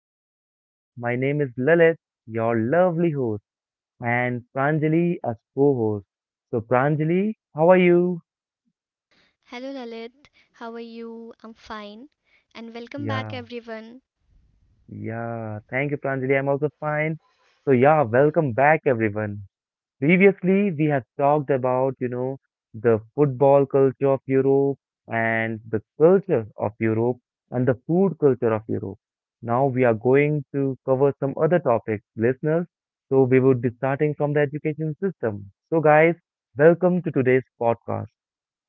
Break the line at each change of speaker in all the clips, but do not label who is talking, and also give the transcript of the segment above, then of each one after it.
are you all? My name is Lalit, your lovely host, and Pranjali as co-host. So, Pranjali, how are you?
Hello Lalit, how are you? I'm fine. And welcome back
Yeah,
everyone.
yeah. Thank you, Pranjali. I'm also fine. So, yeah, welcome back, everyone. Previously, we have talked about, the football culture of Europe and the culture of Europe and the food culture of Europe. Now we are going to cover some other topics, listeners. So we would be starting from the education system. So guys, welcome to today's podcast,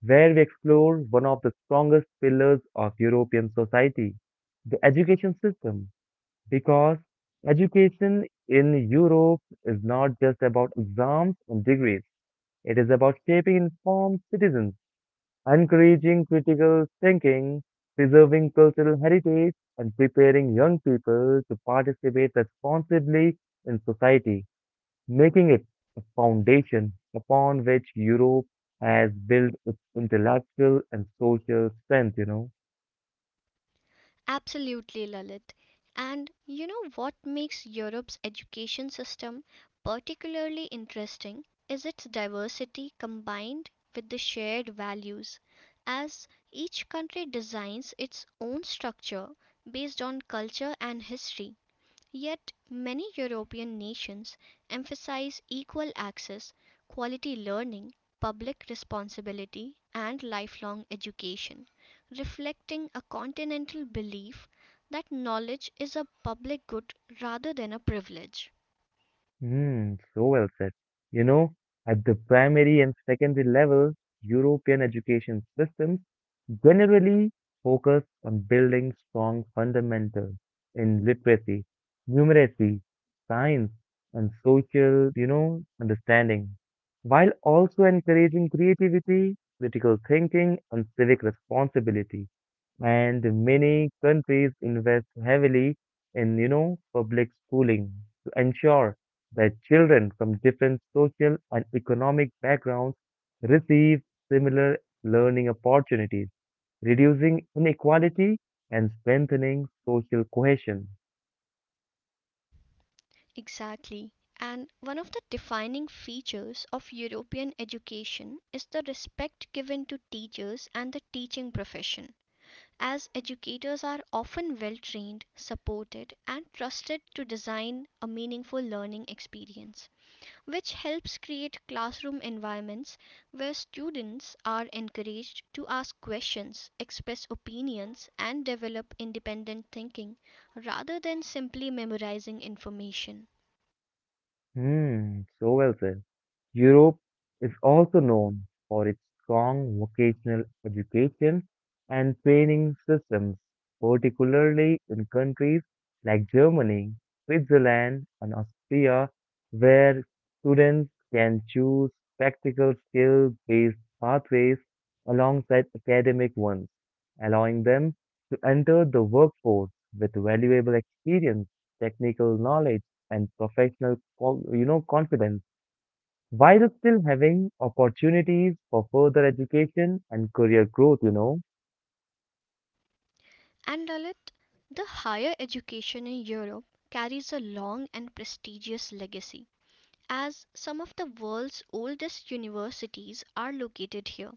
where we explore one of the strongest pillars of European society, the education system because education in Europe is not just about exams and degrees. It is about shaping informed citizens, encouraging critical thinking, preserving cultural heritage, and preparing young people to participate responsibly in society, making it a foundation upon which Europe has built its intellectual and social strength.
Absolutely Lalit. And you know what makes Europe's education system particularly interesting is its diversity combined with the shared values as each country designs its own structure based on culture and history. Yet many European nations emphasize equal access, quality learning, public responsibility, and lifelong education, reflecting a continental belief that knowledge is a public good rather than a privilege.
Hmm, so well said. You know, at the primary and secondary level, European education systems generally focus on building strong fundamentals in literacy, numeracy, science, and social, understanding, while also encouraging creativity, critical thinking, and civic responsibility and many countries invest heavily in, public schooling to ensure that children from different social and economic backgrounds receive similar learning opportunities, reducing inequality and strengthening social cohesion.
Exactly. And one of the defining features of European education is the respect given to teachers and the teaching profession, as educators are often well trained, supported, and trusted to design a meaningful learning experience, which helps create classroom environments where students are encouraged to ask questions, express opinions, and develop independent thinking rather than simply memorizing information.
Hmm, so well said. Europe is also known for its strong vocational education and training systems, particularly in countries like Germany, Switzerland, and Austria, where students can choose practical skill-based pathways alongside academic ones, allowing them to enter the workforce with valuable experience, technical knowledge, and professional, confidence while still having opportunities for further education and career growth.
And Lalit, the higher education in Europe carries a long and prestigious legacy as some of the world's oldest universities are located here.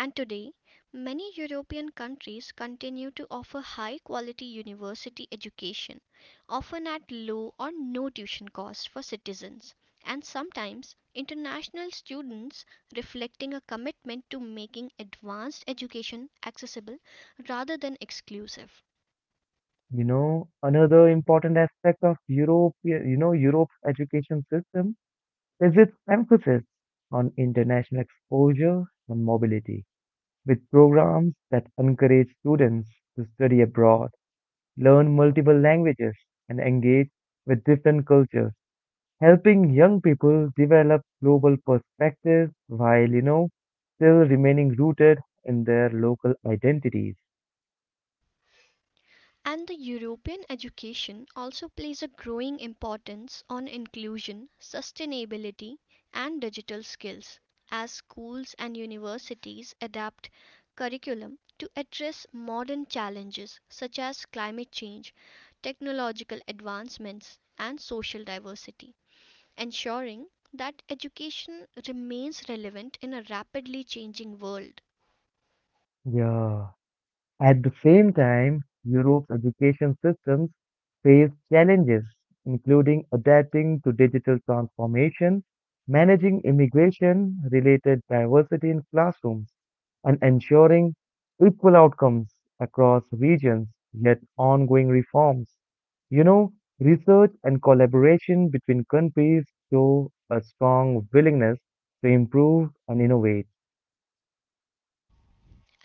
And today, many European countries continue to offer high quality university education, often at low or no tuition costs for citizens, and sometimes international students, reflecting a commitment to making advanced education accessible rather than exclusive.
Another important aspect of Europe's education system is its emphasis on international exposure and mobility, with programs that encourage students to study abroad, learn multiple languages, and engage with different cultures, helping young people develop global perspectives while, still remaining rooted in their local identities.
And the European education also plays a growing importance on inclusion, sustainability, and digital skills as schools and universities adapt curriculum to address modern challenges such as climate change, technological advancements, and social diversity, ensuring that education remains relevant in a rapidly changing world.
Yeah. At the same time, Europe's education systems face challenges, including adapting to digital transformation, managing immigration-related diversity in classrooms, and ensuring equal outcomes across regions, yet ongoing reforms. You know, research and collaboration between countries show a strong willingness to improve and innovate.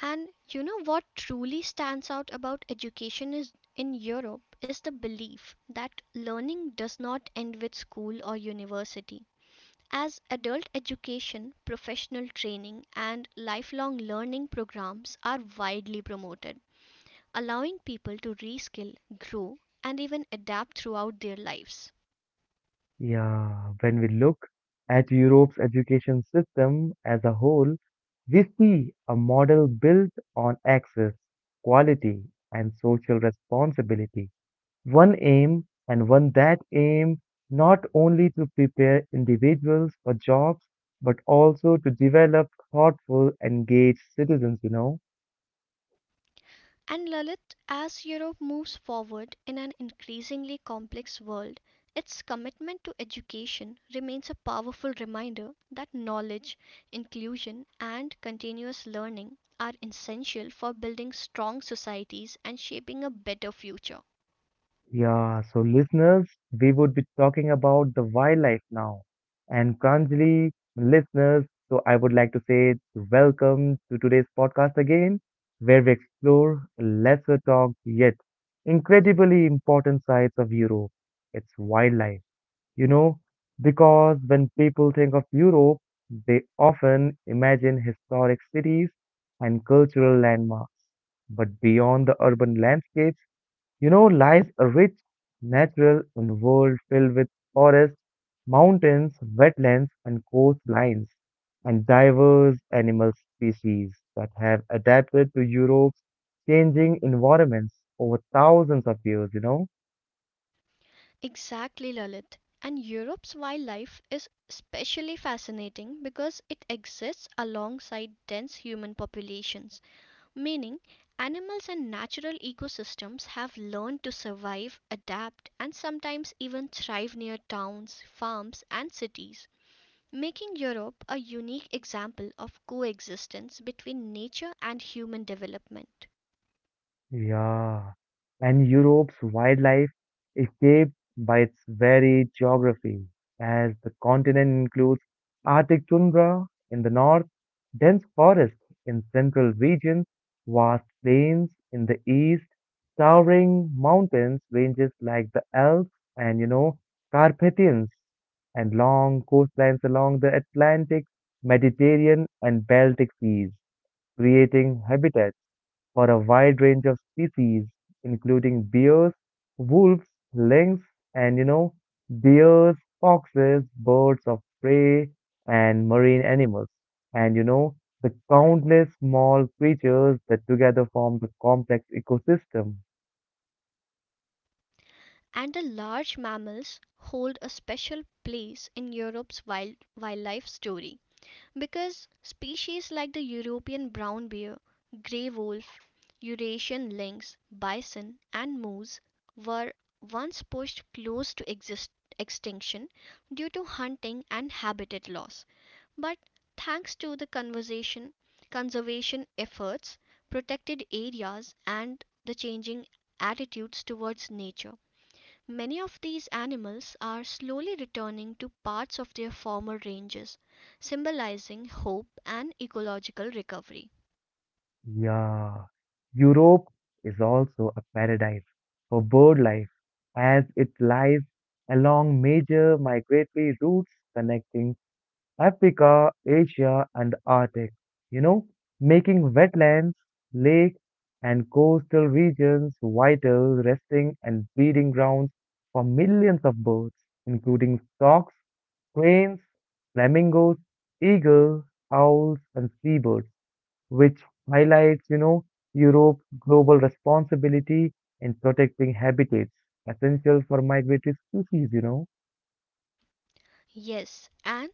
And you know what truly stands out about education is in Europe is the belief that learning does not end with school or university. As adult education, professional training, and lifelong learning programs are widely promoted, allowing people to reskill, grow, and even adapt throughout their lives.
Yeah, when we look at Europe's education system as a whole, we see a model built on access, quality, and social responsibility. One aim, and one that aim not only to prepare individuals for jobs, but also to develop thoughtful, engaged citizens.
And Lalit, as Europe moves forward in an increasingly complex world, its commitment to education remains a powerful reminder that knowledge, inclusion, and continuous learning are essential for building strong societies and shaping a better future.
Yeah, so listeners, we would be talking about the wildlife now. And Pranjali, listeners, so I would like to say welcome to today's podcast again, where we explore lesser talked yet incredibly important sides of Europe. It's wildlife, you know, because when people think of Europe, they often imagine historic cities and cultural landmarks. But beyond the urban landscape, lies a rich, natural and world filled with forests, mountains, wetlands, and coastlines, and diverse animal species that have adapted to Europe's changing environments over thousands of years.
Exactly, Lalit. And Europe's wildlife is especially fascinating because it exists alongside dense human populations, meaning animals and natural ecosystems have learned to survive, adapt, and sometimes even thrive near towns, farms, and cities, making Europe a unique example of coexistence between nature and human development.
Yeah, and Europe's wildlife is shaped by its varied geography, as the continent includes Arctic tundra in the north, dense forests in central regions, vast plains in the east, towering mountains ranges like the Alps and, Carpathians, and long coastlines along the Atlantic, Mediterranean, and Baltic seas, creating habitats for a wide range of species, including bears, wolves, lynx, and deers, foxes, birds of prey, and marine animals. And the countless small creatures that together form the complex ecosystem.
And the large mammals hold a special place in Europe's wildlife story, because species like the European brown bear, grey wolf, Eurasian lynx, bison, and moose were once pushed close to extinction due to hunting and habitat loss. But thanks to the conservation efforts, protected areas, and the changing attitudes towards nature, many of these animals are slowly returning to parts of their former ranges, symbolizing hope and ecological recovery.
Yeah, Europe is also a paradise for bird life as it lies along major migratory routes connecting Africa, Asia, and the Arctic, you know, making wetlands, lakes, and coastal regions vital resting and breeding grounds for millions of birds, including storks, cranes, flamingos, eagles, owls, and seabirds, which highlights, Europe's global responsibility in protecting habitats essential for migratory species.
Yes, and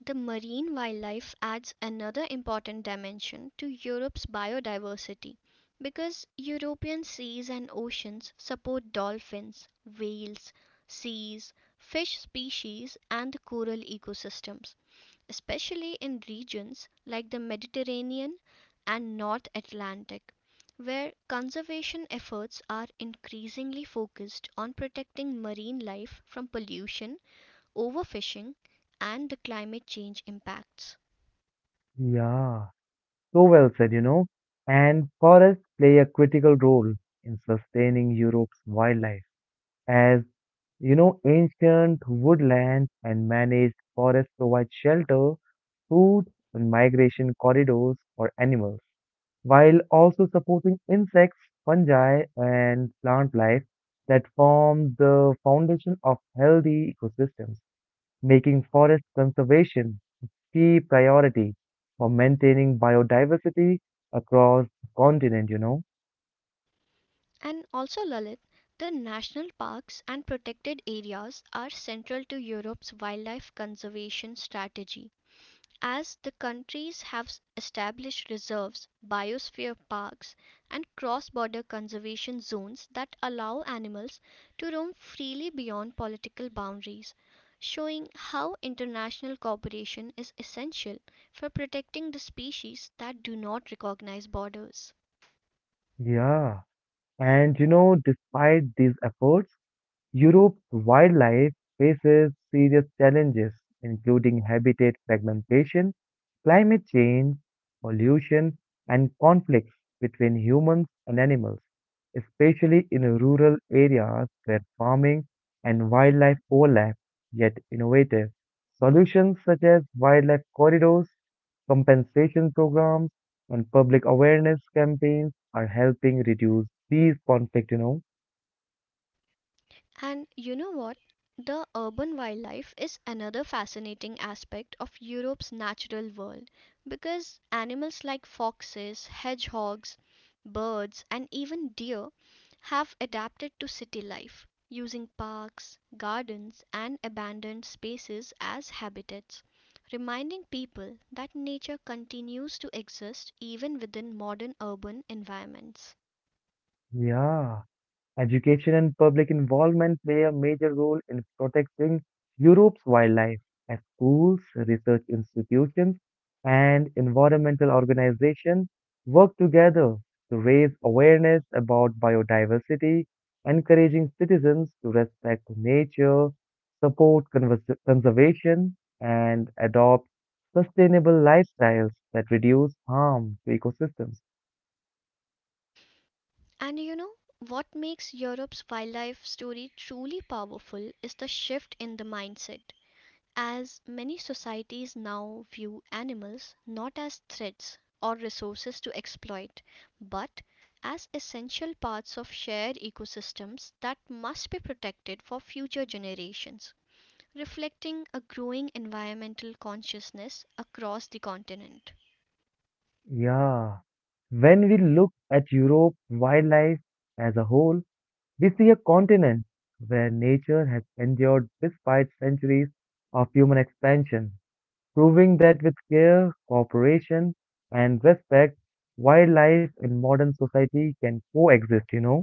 the marine wildlife adds another important dimension to Europe's biodiversity because European seas and oceans support dolphins, whales, seas, fish species, and coral ecosystems, especially in regions like the Mediterranean and North Atlantic, where conservation efforts are increasingly focused on protecting marine life from pollution, overfishing, and the climate change impacts.
Yeah. So well said. And forests play a critical role in sustaining Europe's wildlife, as ancient woodlands and managed forests provide shelter, food, and migration corridors for animals, while also supporting insects, fungi, and plant life that form the foundation of healthy ecosystems, making forest conservation key priority for maintaining biodiversity across the continent.
And also, Lalit, the national parks and protected areas are central to Europe's wildlife conservation strategy as the countries have established reserves, biosphere parks, and cross border conservation zones that allow animals to roam freely beyond political boundaries, showing how international cooperation is essential for protecting the species that do not recognize borders.
Yeah. And despite these efforts, Europe's wildlife faces serious challenges, including habitat fragmentation climate change, pollution, and conflicts between humans and animals, especially in rural areas where farming and wildlife overlap, yet innovative. Solutions such as wildlife corridors, compensation programs, and public awareness campaigns are helping reduce these conflicts.
And you know what? The urban wildlife is another fascinating aspect of Europe's natural world because animals like foxes, hedgehogs, birds, and even deer have adapted to city life, using parks, gardens, and abandoned spaces as habitats, reminding people that nature continues to exist even within modern urban environments.
Yeah. Education and public involvement play a major role in protecting Europe's wildlife, as schools, research institutions, and environmental organizations work together to raise awareness about biodiversity, encouraging citizens to respect nature, support conservation, and adopt sustainable lifestyles that reduce harm to ecosystems.
And you know what makes Europe's wildlife story truly powerful is the shift in the mindset. As many societies now view animals not as threats or resources to exploit, but as essential parts of shared ecosystems that must be protected for future generations, reflecting a growing environmental consciousness across the continent.
Yeah. When we look at Europe wildlife as a whole, we see a continent where nature has endured despite centuries of human expansion, proving that with care, cooperation, and respect, wildlife in modern society can coexist?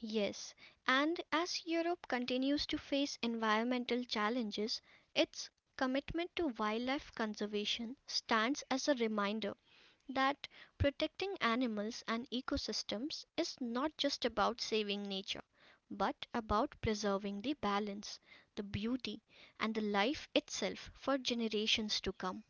Yes, and as Europe continues to face environmental challenges, its commitment to wildlife conservation stands as a reminder that protecting animals and ecosystems is not just about saving nature, but about preserving the balance, the beauty, and the life itself for generations to come.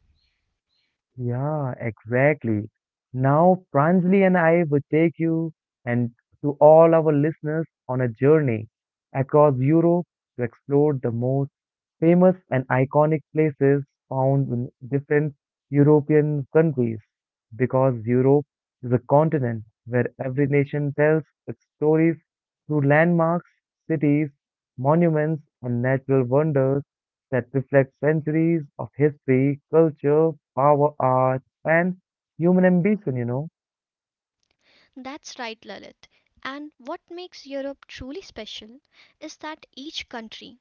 Yeah, exactly. Now, Pranjali and I will take you and to all our listeners on a journey across Europe to explore the most famous and iconic places found in different European countries because Europe is a continent where every nation tells its stories through landmarks, cities, monuments, and natural wonders that reflect centuries of history, culture, power, art, and human ambition.
That's right, Lalit. And what makes Europe truly special is that each country,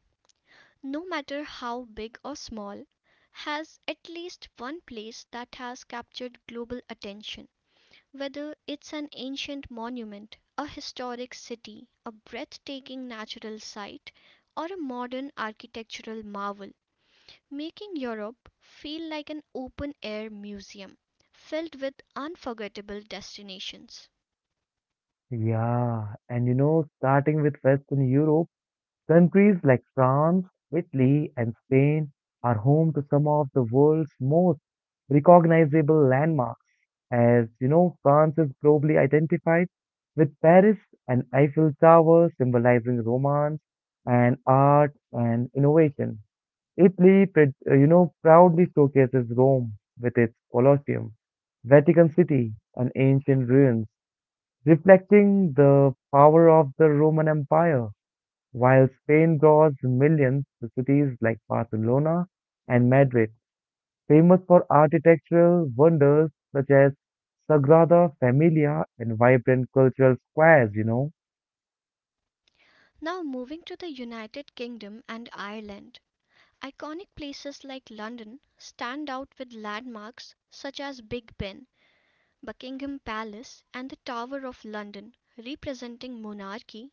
no matter how big or small, has at least one place that has captured global attention. Whether it's an ancient monument, a historic city, a breathtaking natural site, or a modern architectural marvel, making Europe feel like an open air museum filled with unforgettable destinations.
Yeah, starting with Western Europe, countries like France, Italy, and Spain are home to some of the world's most recognizable landmarks. France is globally identified with Paris and Eiffel Tower symbolizing romance and art and innovation. Italy, proudly showcases Rome with its Colosseum, Vatican City, and ancient ruins, reflecting the power of the Roman Empire. While Spain draws millions to cities like Barcelona and Madrid, famous for architectural wonders such as Sagrada Familia and vibrant cultural squares.
Now, moving to the United Kingdom and Ireland. Iconic places like London stand out with landmarks such as Big Ben, Buckingham Palace, and the Tower of London representing monarchy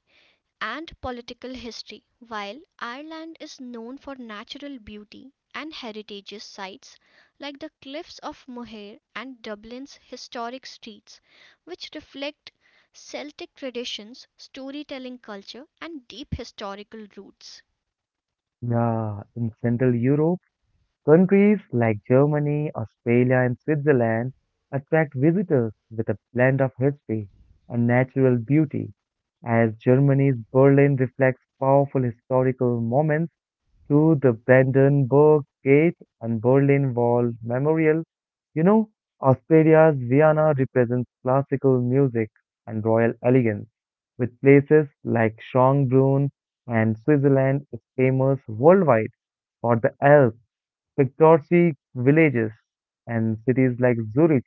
and political history, while Ireland is known for natural beauty and heritage sites like the Cliffs of Moher and Dublin's historic streets, which reflect Celtic traditions, storytelling culture, and deep historical roots.
Yeah, in Central Europe, countries like Germany, Australia, and Switzerland attract visitors with a blend of history and natural beauty. As Germany's Berlin reflects powerful historical moments, to the Brandenburg Gate and Berlin Wall Memorial. You know, Austria's Vienna represents classical music and royal elegance, with places like Schönbrunn and Switzerland is famous worldwide for the Alps, picturesque villages, and cities like Zurich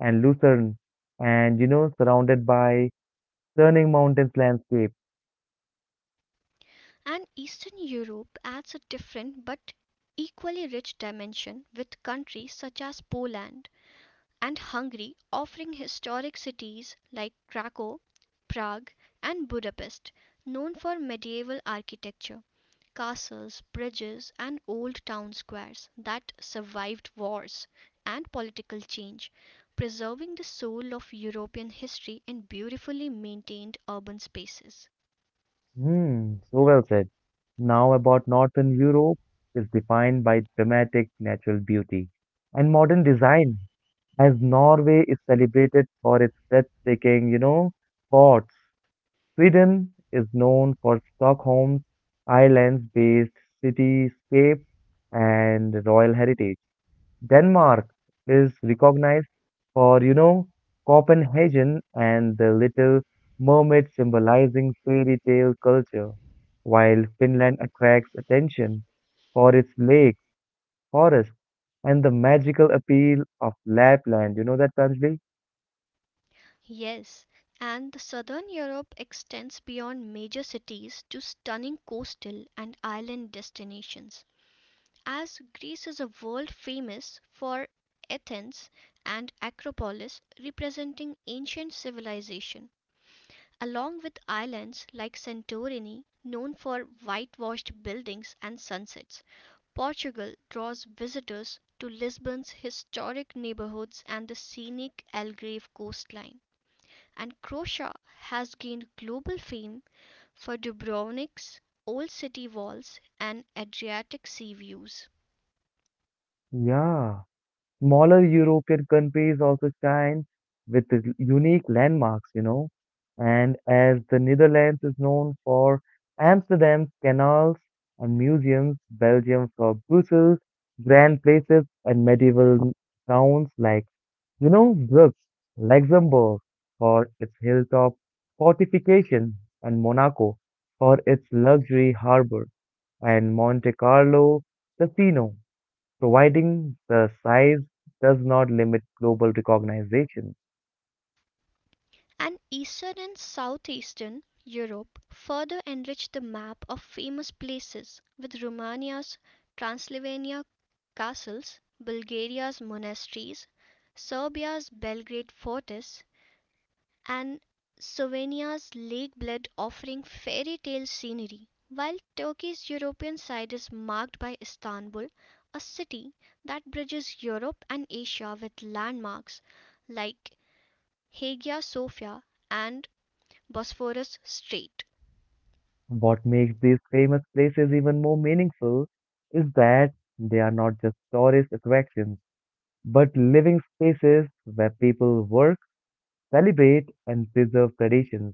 and Lucerne, and surrounded by stunning mountains landscape.
And Eastern Europe adds a different but equally rich dimension, with countries such as Poland and Hungary offering historic cities like Krakow, Prague, and Budapest, known for medieval architecture, castles, bridges, and old town squares that survived wars and political change, preserving the soul of European history in beautifully maintained urban spaces.
Hmm, so well said. Now about Northern Europe is defined by dramatic natural beauty and modern design, as Norway is celebrated for its breathtaking, forts. Sweden is known for Stockholm's islands-based cityscape and royal heritage. Denmark is recognized for, Copenhagen and the Little Mermaid symbolizing fairy tale culture, while Finland attracts attention for its lakes, forests, and the magical appeal of Lapland. You know that, Tanjali?
Yes, and the southern Europe extends beyond major cities to stunning coastal and island destinations, as Greece is a world famous for Athens and Acropolis representing ancient civilization, along with islands like Santorini known for whitewashed buildings and sunsets. Portugal draws visitors to Lisbon's historic neighborhoods and the scenic Algarve coastline and Croatia has gained global fame for Dubrovnik's old city walls and Adriatic sea views.
Yeah. Smaller European countries also shine with its unique landmarks. And as the Netherlands is known for Amsterdam's canals and museums, Belgium for Brussels, grand places and medieval towns like, Brugge, Luxembourg for its hilltop fortification, and Monaco for its luxury harbor, and Monte Carlo Casino providing the size does not limit global recognition.
And Eastern and Southeastern Europe further enrich the map of famous places with Romania's Transylvania castles, Bulgaria's monasteries, Serbia's Belgrade fortress, and Slovenia's lake bed offering fairy tale scenery, while Turkey's European side is marked by Istanbul, a city that bridges Europe and Asia with landmarks like Hagia Sophia and Bosphorus Strait.
What makes these famous places even more meaningful is that they are not just tourist attractions, but living spaces where people work, celebrate, and preserve traditions,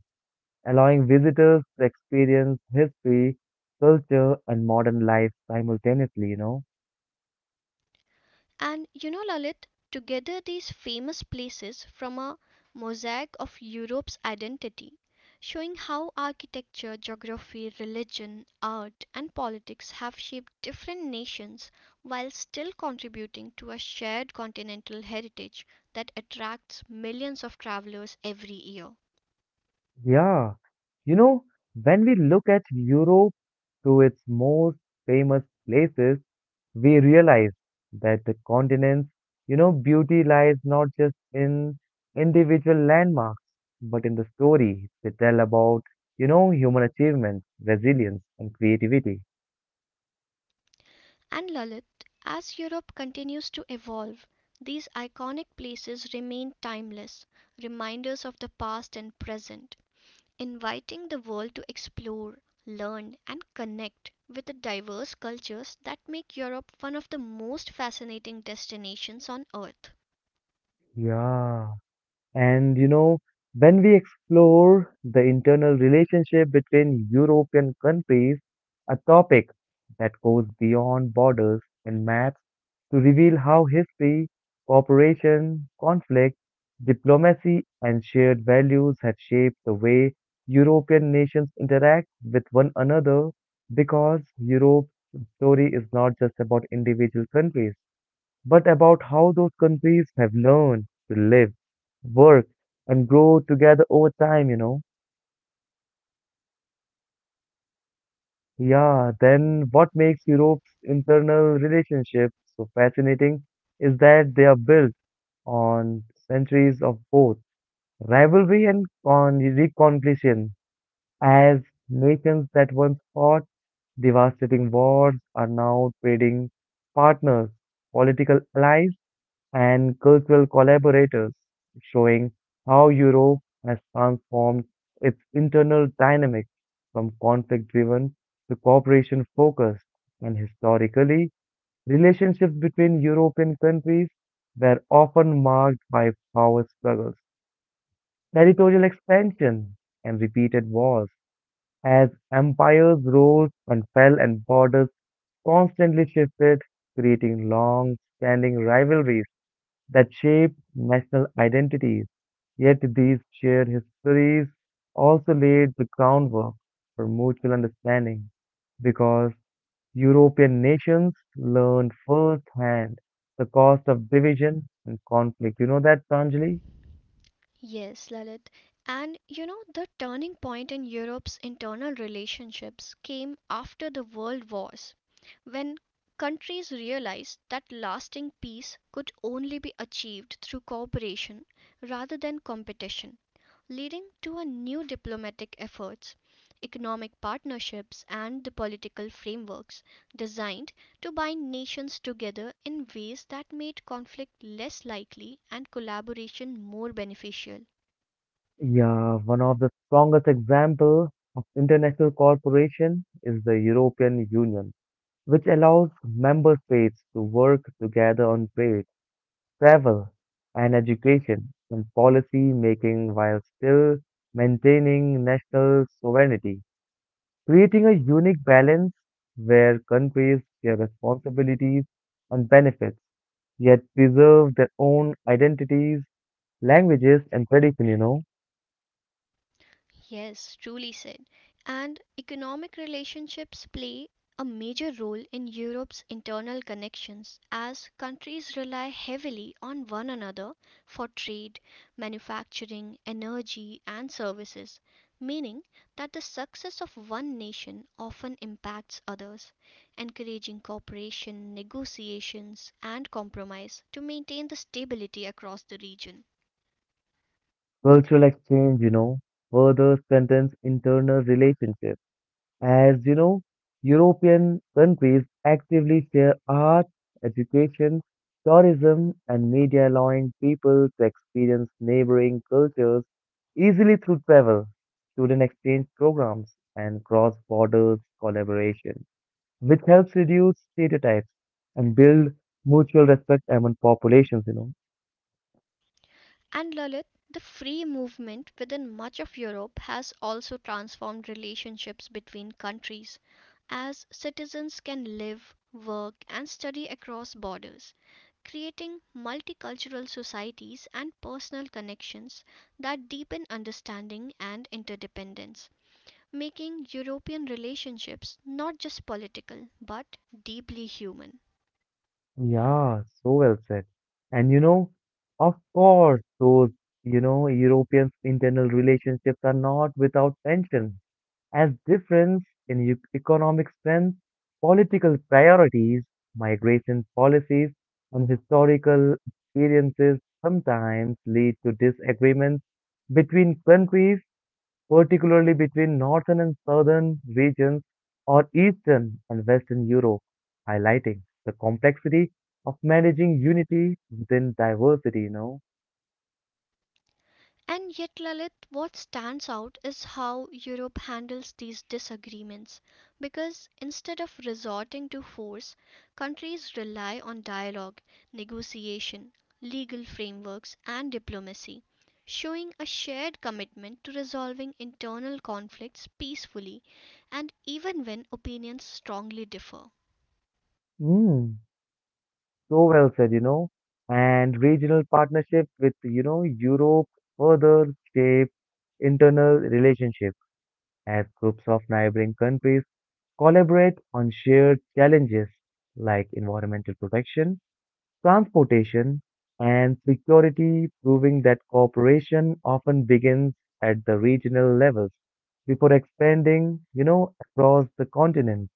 allowing visitors to experience history, culture, and modern life simultaneously?
And you know, Lalit, together these famous places form a mosaic of Europe's identity, showing how architecture, geography, religion, art, and politics have shaped different nations while still contributing to a shared continental heritage that attracts millions of travelers every year.
Yeah, you know, when we look at Europe through its most famous places, we realize that the continent's, beauty lies not just in individual landmarks, but in the story they tell about, human achievements, resilience, and creativity.
And Lalit, as Europe continues to evolve, these iconic places remain timeless, reminders of the past and present inviting the world to explore, learn, and connect with the diverse cultures that make Europe one of the most fascinating destinations on earth.
Yeah. And when we explore the internal relationship between European countries, a topic that goes beyond borders and maps to reveal how history, cooperation, conflict, diplomacy, and shared values have shaped the way European nations interact with one another because Europe's story is not just about individual countries but about how those countries have learned to live, work, and grow together over time. Yeah, then what makes Europe's internal relationships so fascinating is that they are built on centuries of both rivalry and reconciliation, as nations that once fought devastating wars are now trading partners, political allies and cultural collaborators, showing how Europe has transformed its internal dynamics from conflict driven to cooperation focused. And historically, relationships between European countries were often marked by power struggles, territorial expansion, and repeated wars. As empires rose and fell and borders constantly shifted, creating long standing rivalries that shape national identities. Yet these shared histories also laid the groundwork for mutual understanding because European nations learned firsthand the cost of division and conflict. You know that, Pranjali?
Yes, Lalit. And you know, the turning point in Europe's internal relationships came after the world wars, when countries realized that lasting peace could only be achieved through cooperation rather than competition, leading to a new diplomatic efforts, economic partnerships, and the political frameworks designed to bind nations together in ways that made conflict less likely and collaboration more beneficial.
Yeah, one of the strongest examples of international cooperation is the European Union, which allows member states to work together on trade travel, and education and policy making while still maintaining national sovereignty, creating a unique balance where countries share responsibilities and benefits, yet preserve their own identities, languages, and tradition.
Yes, truly said. And economic relationships play a major role in Europe's internal connections as countries rely heavily on one another for trade, manufacturing, energy, and services, meaning that the success of one nation often impacts others, encouraging cooperation, negotiations, and compromise to maintain the stability across the region.
Cultural exchange, further strengthens internal relationships. As you know, European countries actively share art, education, tourism, and media, allowing people to experience neighboring cultures easily through travel, student exchange programs, and cross border collaboration, which helps reduce stereotypes and build mutual respect among populations.
And Lalit, the free movement within much of Europe has also transformed relationships between countries, as citizens can live, work, and study across borders, creating multicultural societies and personal connections that deepen understanding and interdependence, making European relationships not just political but deeply human.
Yeah, so well said. And you know, of course, those, Europeans' internal relationships are not without tension, as difference in economic strength, political priorities, migration policies, and historical experiences sometimes lead to disagreements between countries particularly between northern and southern regions or eastern and western Europe, highlighting the complexity of managing unity within diversity.
And yet, Lalit, what stands out is how Europe handles these disagreements. Because instead of resorting to force, countries rely on dialogue, negotiation, legal frameworks, and diplomacy, showing a shared commitment to resolving internal conflicts peacefully and even when opinions strongly differ.
Mm, so well said. And regional partnership with Europe further shape internal relationships as groups of neighboring countries collaborate on shared challenges like environmental protection transportation, and security, proving that cooperation often begins at the regional levels before expanding across the continent.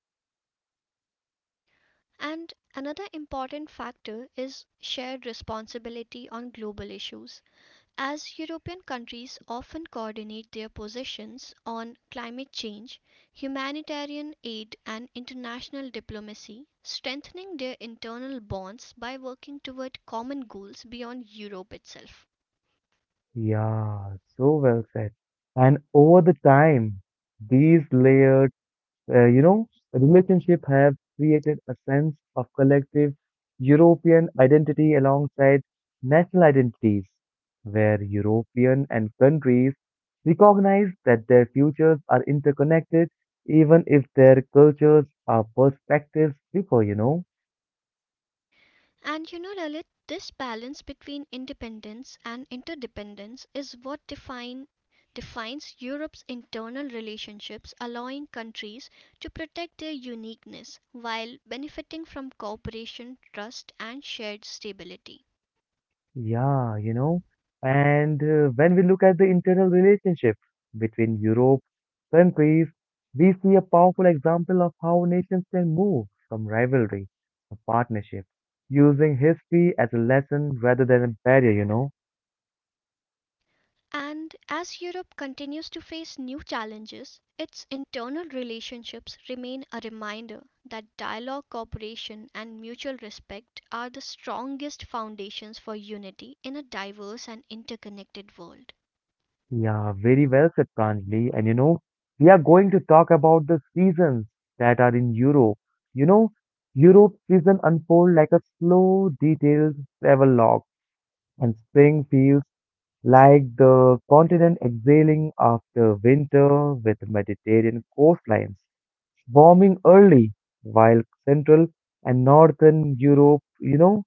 And another important factor is shared responsibility on global issues. As European countries often coordinate their positions on climate change, humanitarian aid and international diplomacy, strengthening their internal bonds by working toward common goals beyond Europe itself.
Yeah, so well said. And over the time, these layered Uh, you know, relationship have created a sense of collective European identity alongside national identities, where European and countries recognize that their futures are interconnected, even if their cultures or perspectives differ.
And you know, Lalit, this balance between independence and interdependence is what defines Europe's internal relationships, allowing countries to protect their uniqueness while benefiting from cooperation, trust, and shared stability.
Yeah, you know, and when we look at the internal relationship between Europe countries, we see a powerful example of how nations can move from rivalry to partnership, using history as a lesson rather than a barrier.
And as Europe continues to face new challenges, its internal relationships remain a reminder that dialogue, cooperation, and mutual respect are the strongest foundations for unity in a diverse and interconnected world.
Yeah, very well said, Pranjali. And you know, we are going to talk about the seasons that are in Europe. You know, Europe's season unfold like a slow, detailed travel log, and spring feels like the continent exhaling after winter with Mediterranean coastlines warming early, while Central and Northern Europe,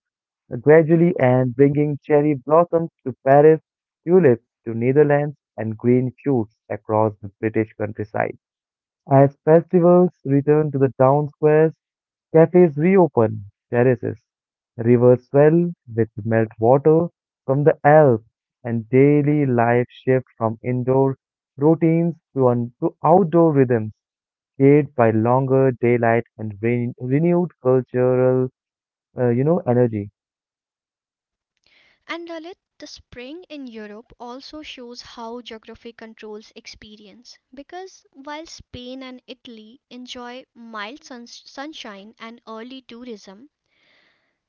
gradually and bringing cherry blossoms to Paris, tulips to Netherlands, and green shoots across the British countryside. As festivals return to the town squares, cafes reopen, terraces, rivers swell with melt water from the Alps, and daily life shifts from indoor routines to outdoor rhythms shaped by longer daylight and renewed cultural energy.
And Lalit, the spring in Europe also shows how geography controls experience because while Spain and Italy enjoy mild suns sunshine and early tourism,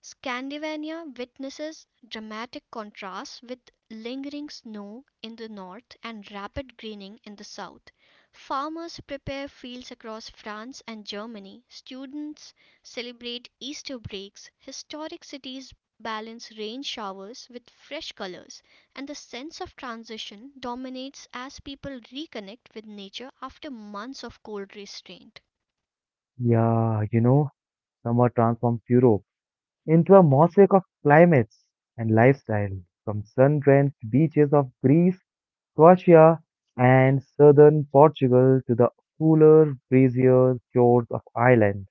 Scandinavia witnesses dramatic contrasts with lingering snow in the north and rapid greening in the south. Farmers prepare fields across France and Germany, students celebrate Easter breaks, historic cities balance rain showers with fresh colors, and the sense of transition dominates as people reconnect with nature after months of cold restraint.
Yeah, you know, summer transforms Europe into a mosaic of climates and lifestyle, from sun-drenched beaches of Greece Croatia and southern Portugal to the cooler, breezier shores of Ireland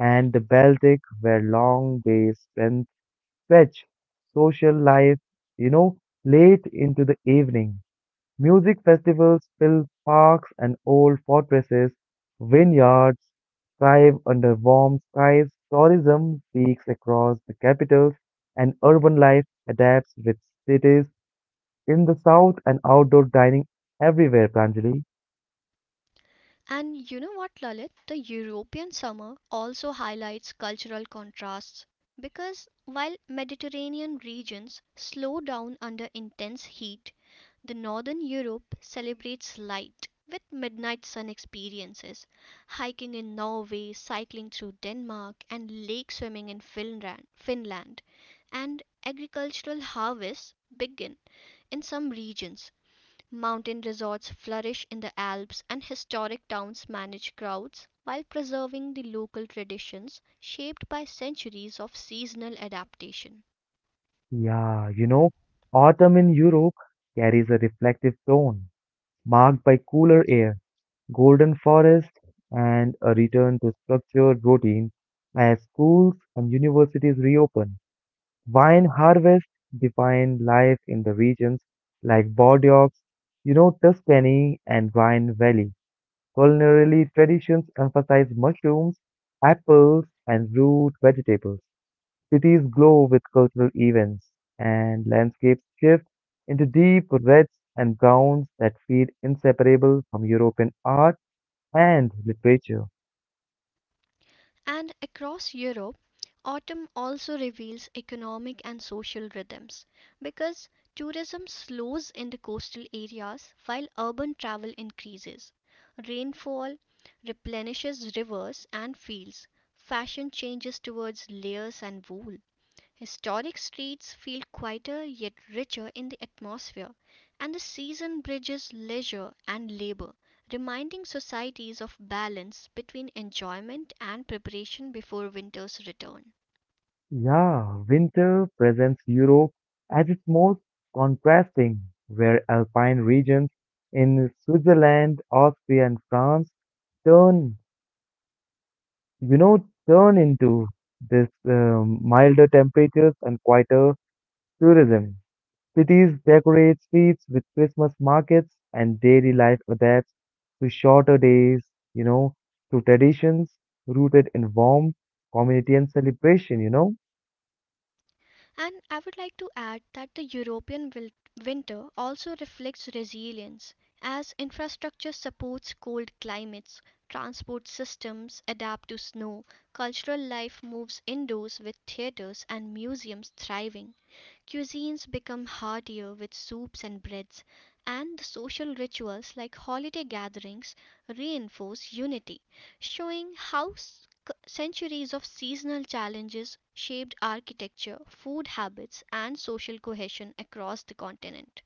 and the Baltic, where long days spent stretch social life, you know, late into the evening. Music festivals fill parks and old fortresses, vineyards thrive under warm skies, tourism peaks across the capitals, and urban life adapts with cities in the south and outdoor dining everywhere, Pranjali.
And you know what, Lalit? The European summer also highlights cultural contrasts because while Mediterranean regions slow down under intense heat, the Northern Europe celebrates light with midnight sun experiences, hiking in Norway, cycling through Denmark, and lake swimming in Finland. And agricultural harvests begin in some regions. Mountain resorts flourish in the Alps and historic towns manage crowds while preserving the local traditions shaped by centuries of seasonal adaptation.
Yeah, you know, autumn in Europe carries a reflective tone, marked by cooler air, golden forests, and a return to structured routine as schools and universities reopen. Wine harvests define life in the regions like Bordeaux, Tuscany, and Rhine Valley. Culinary traditions emphasize mushrooms, apples, and root vegetables. Cities glow with cultural events, and landscapes shift into deep reds and browns that feel inseparable from European art and literature.
And across Europe, autumn also reveals economic and social rhythms because tourism slows in the coastal areas while urban travel increases. Rainfall replenishes rivers and fields. Fashion changes towards layers and wool. Historic streets feel quieter yet richer in the atmosphere, and the season bridges leisure and labor, reminding societies of balance between enjoyment and preparation before winter's return.
Yeah, winter presents Europe as its most contrasting, where alpine regions in Switzerland, Austria, and France turn, turn into this milder temperatures and quieter tourism. Cities decorate streets with Christmas markets, and daily life adapts to shorter days, you know, to traditions rooted in warmth, community, and celebration.
And I would like to add that the European winter also reflects resilience as infrastructure supports cold climates, transport systems adapt to snow, cultural life moves indoors with theaters and museums thriving. Cuisines become heartier with soups and breads, and the social rituals like holiday gatherings reinforce unity, showing how centuries of seasonal challenges shaped architecture, food habits, and social cohesion across the continent.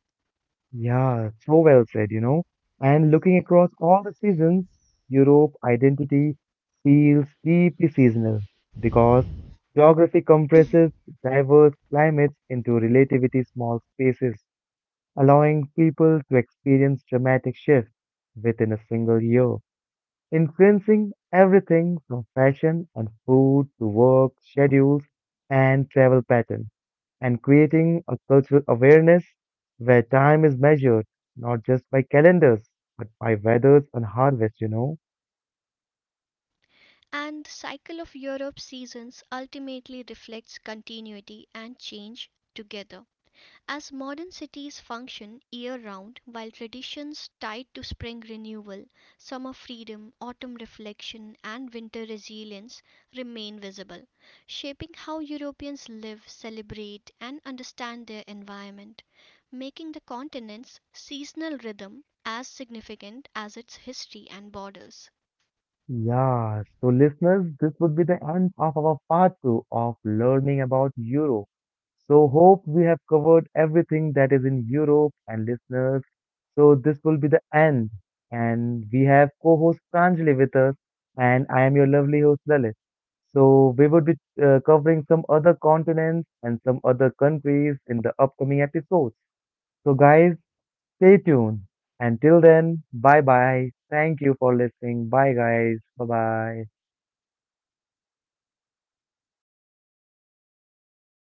Yeah, so well said. And looking across all the seasons, Europe identity feels deeply seasonal because geography compresses diverse climates into relatively small spaces allowing people to experience dramatic shifts within a single year, influencing everything from fashion and food to work schedules and travel patterns, and creating a cultural awareness where time is measured not just by calendars but by weathers and harvests.
And the cycle of Europe's seasons ultimately reflects continuity and change together. As modern cities function year round, while traditions tied to spring renewal, summer freedom, autumn reflection, and winter resilience remain visible, shaping how Europeans live, celebrate, and understand their environment, making the continent's seasonal rhythm as significant as its history and borders.
Yeah, so listeners, this would be the end of our part two of learning about Europe. So hope we have covered everything that is in Europe and listeners. So this will be the end. And we have co-host Pranjali with us and I am your lovely host Lalit. So we would be covering some other continents and some other countries in the upcoming episodes. So guys, stay tuned. Until then, bye bye. Thank you for listening. Bye, guys. Bye bye.